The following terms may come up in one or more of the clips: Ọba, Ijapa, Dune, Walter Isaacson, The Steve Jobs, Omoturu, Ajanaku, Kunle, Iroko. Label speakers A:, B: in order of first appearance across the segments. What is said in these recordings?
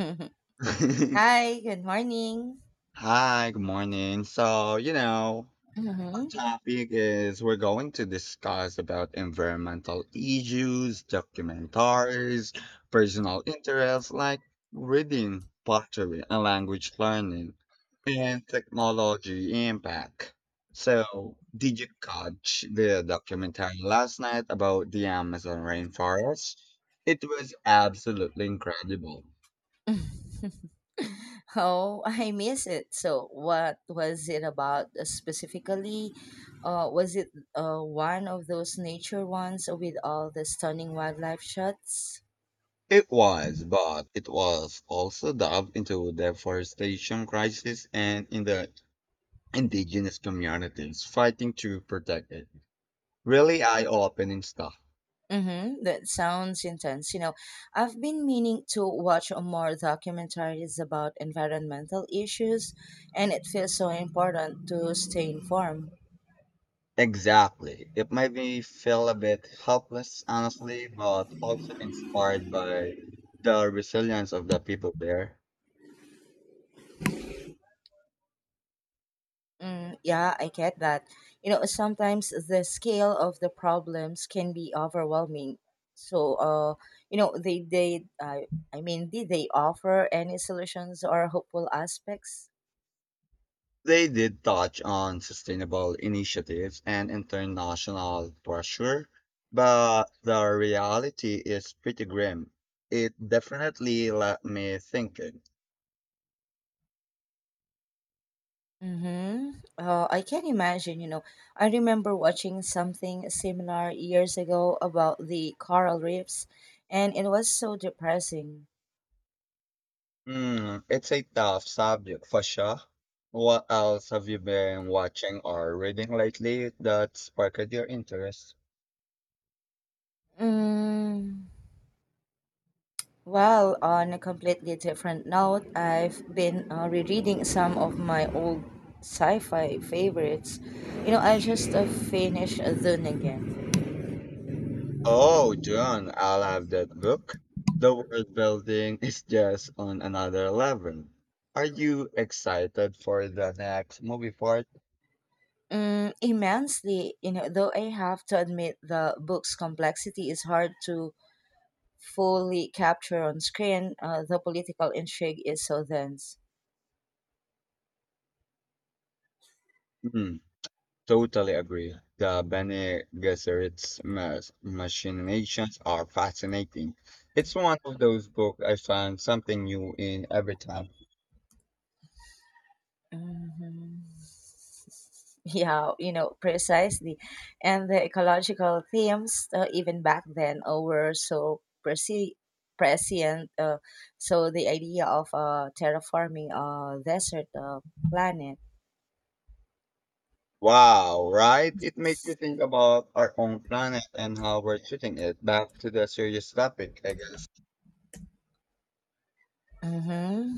A: Hi, good morning.
B: Hi, good morning. Our
A: Hmm
B: topic is we're going to discuss about environmental issues, documentaries, personal interests like reading, pottery, and language learning, and technology impact. So, did you catch the documentary last night about the Amazon rainforest? It was absolutely incredible.
A: Oh, I miss it. So, what was it about, specifically? Was it one of those nature ones with all the stunning wildlife shots?
B: It was, but it was also delved into deforestation crisis and in the indigenous communities fighting to protect it. Really eye-opening stuff.
A: Mm-hmm. That sounds intense. You know, I've been meaning to watch more documentaries about environmental issues, and it feels so important to stay informed.
B: Exactly. It made me feel a bit helpless, honestly, but also inspired by the resilience of the people there.
A: Mm, yeah, I get that. You know, sometimes the scale of the problems can be overwhelming. So, they I mean, did they offer any solutions or hopeful aspects?
B: They did touch on sustainable initiatives and international pressure, but the reality is pretty grim. It definitely left me thinking.
A: Mm-hmm. I can imagine, you know, I remember watching something similar years ago about the coral reefs, and it was so depressing.
B: Hmm, it's a tough subject for sure. What else have you been watching or reading lately that sparked your interest?
A: Mm. Well, on a completely different note, I've been rereading some of my old sci-fi favorites. You know, I just finished Dune again.
B: Oh, John, I love that book. The world building is just on another level. Are you excited for the next movie part?
A: Mm, immensely, you know, though I have to admit the book's complexity is hard to fully capture on screen, the political intrigue is so dense.
B: Hmm, totally agree. The Bene Gesserit machinations are fascinating. It's one of those books I find something new in every time.
A: Mhm. Yeah, you know, precisely. And the ecological themes, even back then, were so prescient. So the idea of terraforming a desert planet.
B: Wow, right? It makes you think about our own planet and how we're treating it. Back to the serious topic, I guess.
A: Mm-hmm.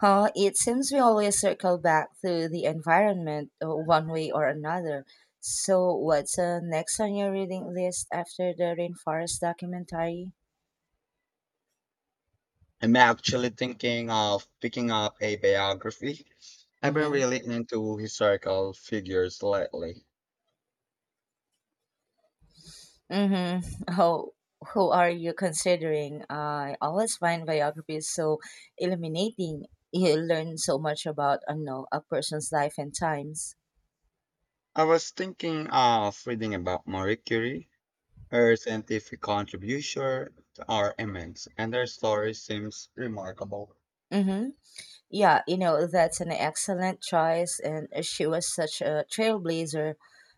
A: Huh, it seems we always circle back to the environment one way or another. So, what's next on your reading list after the rainforest documentary?
B: I'm actually thinking of picking up a biography. I've been really into historical figures lately.
A: Mm-hmm. Who are you considering? I always find biographies so illuminating. You learn so much about, I know, a person's life and times.
B: I was thinking of reading about Marie Curie. Her scientific contributions are immense, and her story seems remarkable.
A: Mm-hmm. Yeah, you know, that's an excellent choice, and she was such a trailblazer,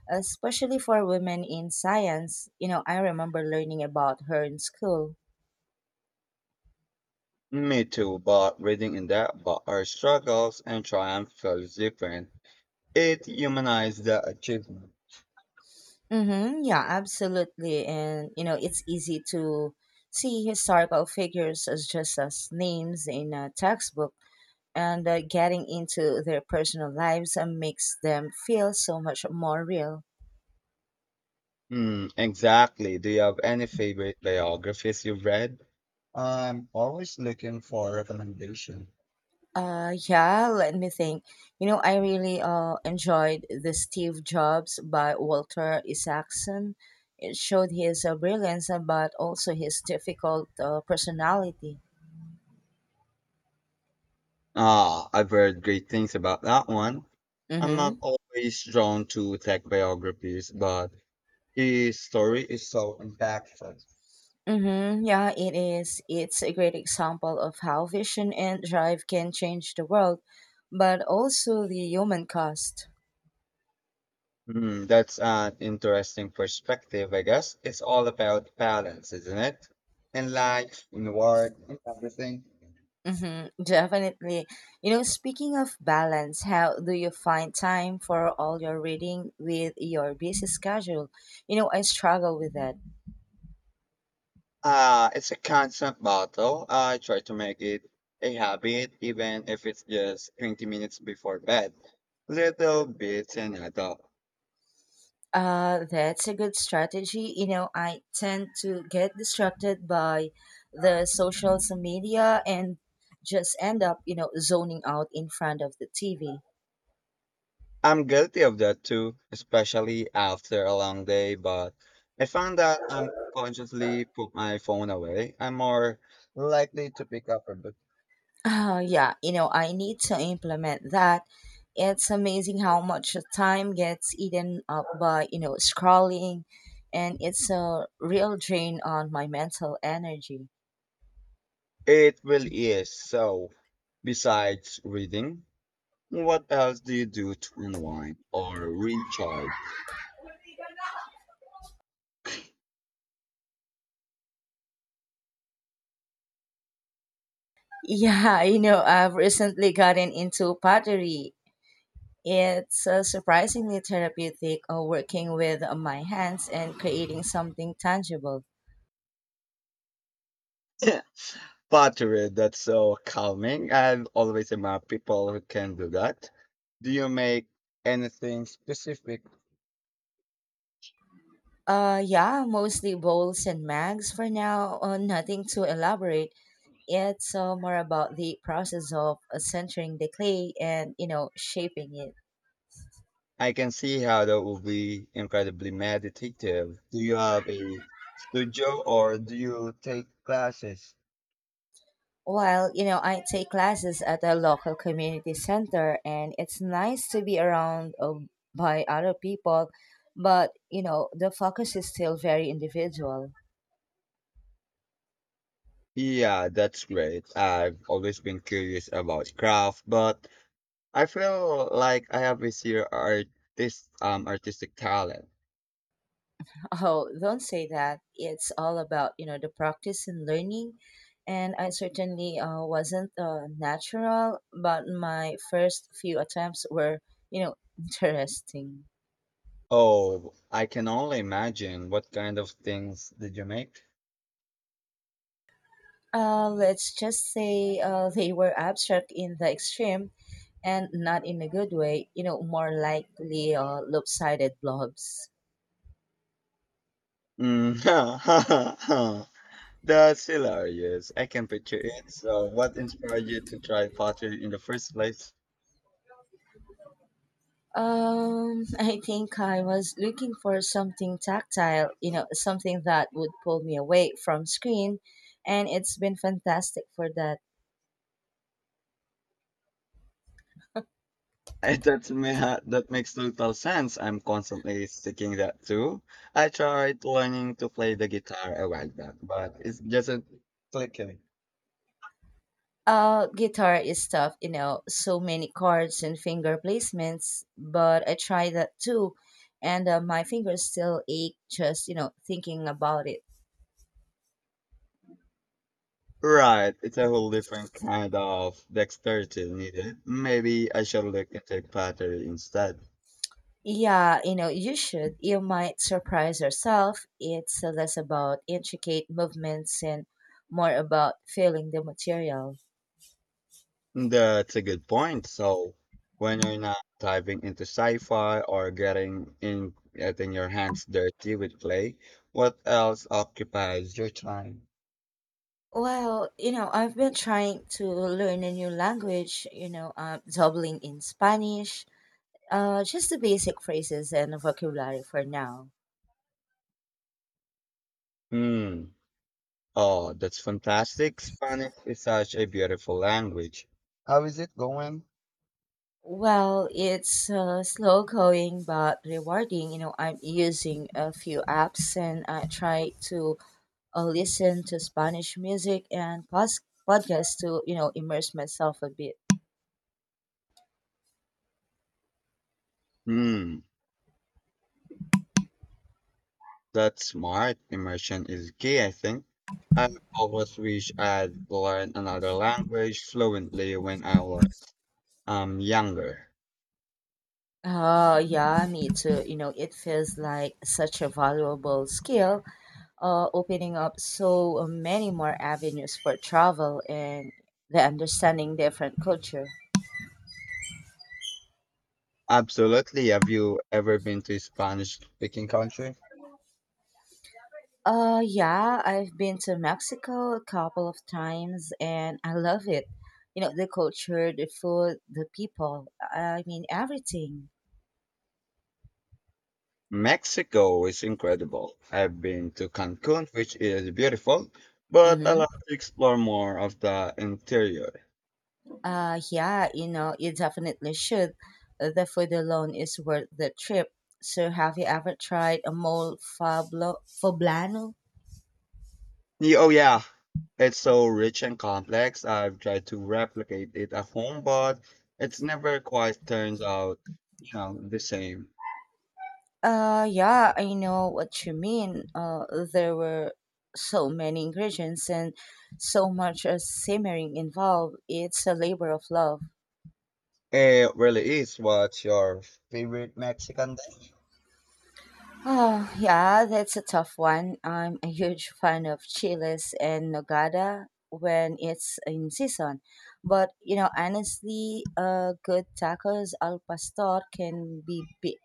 A: especially for women in science. You know, I remember learning about her in school.
B: Me too, but reading in depth about her struggles and triumphs feels different. It humanized the achievement.
A: Mm-hmm. Yeah, absolutely. And, you know, it's easy to see historical figures as just as names in a textbook, and getting into their personal lives makes them feel so much more real.
B: Mm, exactly. Do you have any favorite biographies you've read? I'm always looking for recommendation.
A: Yeah, let me think. You know, I really enjoyed The Steve Jobs by Walter Isaacson. It showed his brilliance, but also his difficult personality.
B: Ah, I've heard great things about that one. I'm not
A: Mm-hmm.
B: always drawn to tech biographies, but his story is so impactful.
A: Mm-hmm. Yeah, it is. It's a great example of how vision and drive can change the world, but also the human cost.
B: Hmm, that's an interesting perspective, I guess. It's all about balance, isn't it? And life, in work, in everything.
A: Mm-hmm. Definitely. You know, speaking of balance, how do you find time for all your reading with your busy schedule? You know, I struggle with that.
B: It's a constant battle. I try to make it a habit, even if it's just 20 minutes before bed. Little bits and adult.
A: That's a good strategy. You know, I tend to get distracted by the social media and just end up, you know, zoning out in front of the TV.
B: I'm guilty of that too, especially after a long day, but I found that I'm consciously put my phone away. I'm more likely to pick up a book.
A: Oh, yeah, you know, I need to implement that. It's amazing how much time gets eaten up by, you know, scrolling, and it's a real drain on my mental energy.
B: It really is. So, besides reading, what else do you do to unwind or recharge?
A: Yeah, you know, I've recently gotten into pottery. It's surprisingly therapeutic working with my hands and creating something tangible.
B: Pottery, that's so calming. I always admire people who can do that. Do you make anything specific?
A: Yeah, mostly bowls and mags for now, nothing too elaborate. It's more about the process of centering the clay and, you know, shaping it.
B: I can see how that would be incredibly meditative. Do you have a studio or do you take classes?
A: Well, you know, I take classes at a local community center, and it's nice to be around, by other people, but, you know, the focus is still very individual.
B: Yeah, that's great. I've always been curious about craft, but I feel like I have this here artist artistic talent.
A: Oh, don't say that. It's all about, you know, the practice and learning. And I certainly wasn't natural, but my first few attempts were, you know, interesting.
B: Oh, I can only imagine what kind of things did you make?
A: Let's just say they were abstract in the extreme and not in a good way, you know, more likely lopsided blobs.
B: Mm, that's hilarious. I can picture it. So, what inspired you to try pottery in the first place?
A: I think I was looking for something tactile, you know, something that would pull me away from screen, and it's been fantastic for that.
B: I, that's me, ha- That makes total sense. I'm constantly sticking that too. I tried learning to play the guitar a while back, but it doesn't click in.
A: Guitar is tough, you know, so many chords and finger placements, but I tried that too, and my fingers still ache just, you know, thinking about it.
B: Right, it's a whole different kind of dexterity needed. Maybe I should look into pottery instead.
A: Yeah, you know, you should. You might surprise yourself. It's less about intricate movements and more about feeling the material.
B: That's a good point. So when you're not diving into sci-fi or getting your hands dirty with clay, what else occupies your time?
A: Well, you know, I've been trying to learn a new language, you know, doubling in Spanish, just the basic phrases and vocabulary for now.
B: Hmm. Oh, that's fantastic. Spanish is such a beautiful language. How is it going?
A: Well, it's slow going but rewarding. You know, I'm using a few apps and I try to listen to Spanish music and podcasts to, you know, immerse myself a bit.
B: Hmm. That's smart. Immersion is key, I think. I always wish I'd learned another language fluently when I was younger.
A: Oh, yeah, me too. You know, it feels like such a valuable skill, opening up so many more avenues for travel and the understanding different culture.
B: Absolutely. Have you ever been to a Spanish speaking country?
A: Yeah, I've been to Mexico a couple of times and I love it. You know, the culture, the food, the people, I mean, everything.
B: Mexico is incredible. I've been to Cancun, which is beautiful, but I like
A: Mm-hmm.
B: to explore more of the interior.
A: Yeah, you know, you definitely should. The food alone is worth the trip. So, have you ever tried a mole poblano?
B: Oh, yeah. It's so rich and complex. I've tried to replicate it at home, but it's never quite turns out, you know, the same.
A: Yeah, I know what you mean. There were so many ingredients and so much simmering involved. It's a labor of love.
B: It really is. What's your favorite Mexican dish?
A: Oh, yeah, that's a tough one. I'm a huge fan of chiles and nogada when it's in season. But, you know, honestly, good tacos al pastor can be big.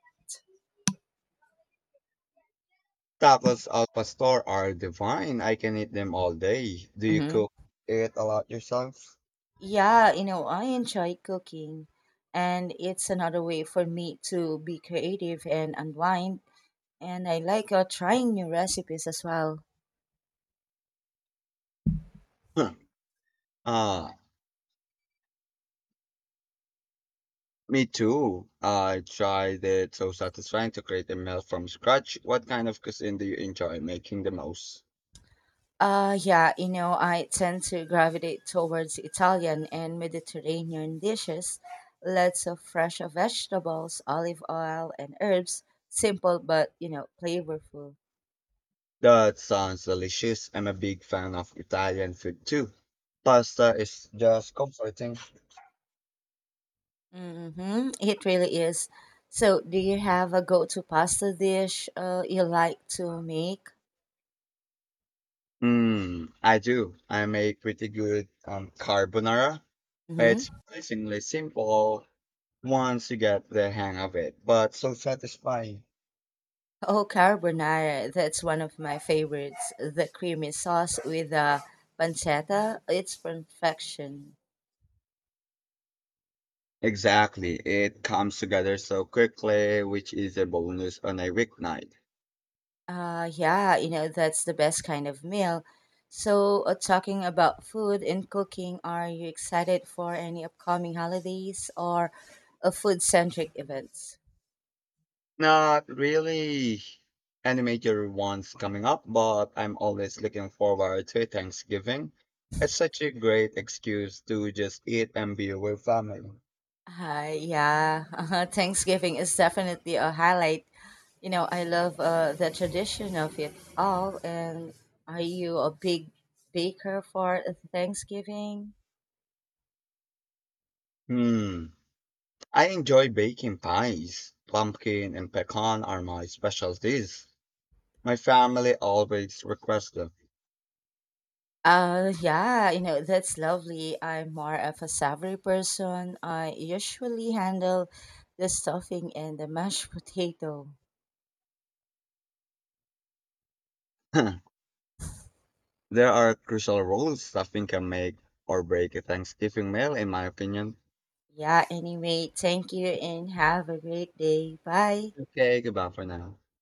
B: Tacos al pastor are divine. I can eat them all day. Do you
A: Mm-hmm.
B: cook it a lot yourself?
A: Yeah, you know, I enjoy cooking, and it's another way for me to be creative and unwind. And I like trying new recipes as well.
B: Huh. Ah, me too. I tried it. So satisfying to create a meal from scratch. What kind of cuisine do you enjoy making the most?
A: Yeah, you know, I tend to gravitate towards Italian and Mediterranean dishes. Lots of fresh vegetables, olive oil, and herbs. Simple but, you know, flavorful.
B: That sounds delicious. I'm a big fan of Italian food too. Pasta is just comforting.
A: Mm-hmm. It really is. So, do you have a go-to pasta dish you like to make?
B: Mm, I do. I make pretty good carbonara.
A: Mm-hmm.
B: It's surprisingly simple once you get the hang of it. But so satisfying.
A: Oh, carbonara, that's one of my favorites. The creamy sauce with the pancetta, it's perfection.
B: Exactly, it comes together so quickly, which is a bonus on a weeknight.
A: Yeah, you know, that's the best kind of meal. So, talking about food and cooking, are you excited for any upcoming holidays or food centric events?
B: Not really any major ones coming up, but I'm always looking forward to Thanksgiving. It's such a great excuse to just eat and be with family.
A: Hi, yeah. Thanksgiving is definitely a highlight. You know, I love the tradition of it all. And are you a big baker for Thanksgiving?
B: Hmm. I enjoy baking pies. Pumpkin and pecan are my specialties. My family always requests them.
A: Yeah, you know, that's lovely. I'm more of a savory person. I usually handle the stuffing and the mashed potato.
B: There are crucial roles stuffing can make or break a Thanksgiving meal, in my opinion.
A: Yeah, anyway, thank you and have a great day. Bye.
B: Okay, goodbye for now.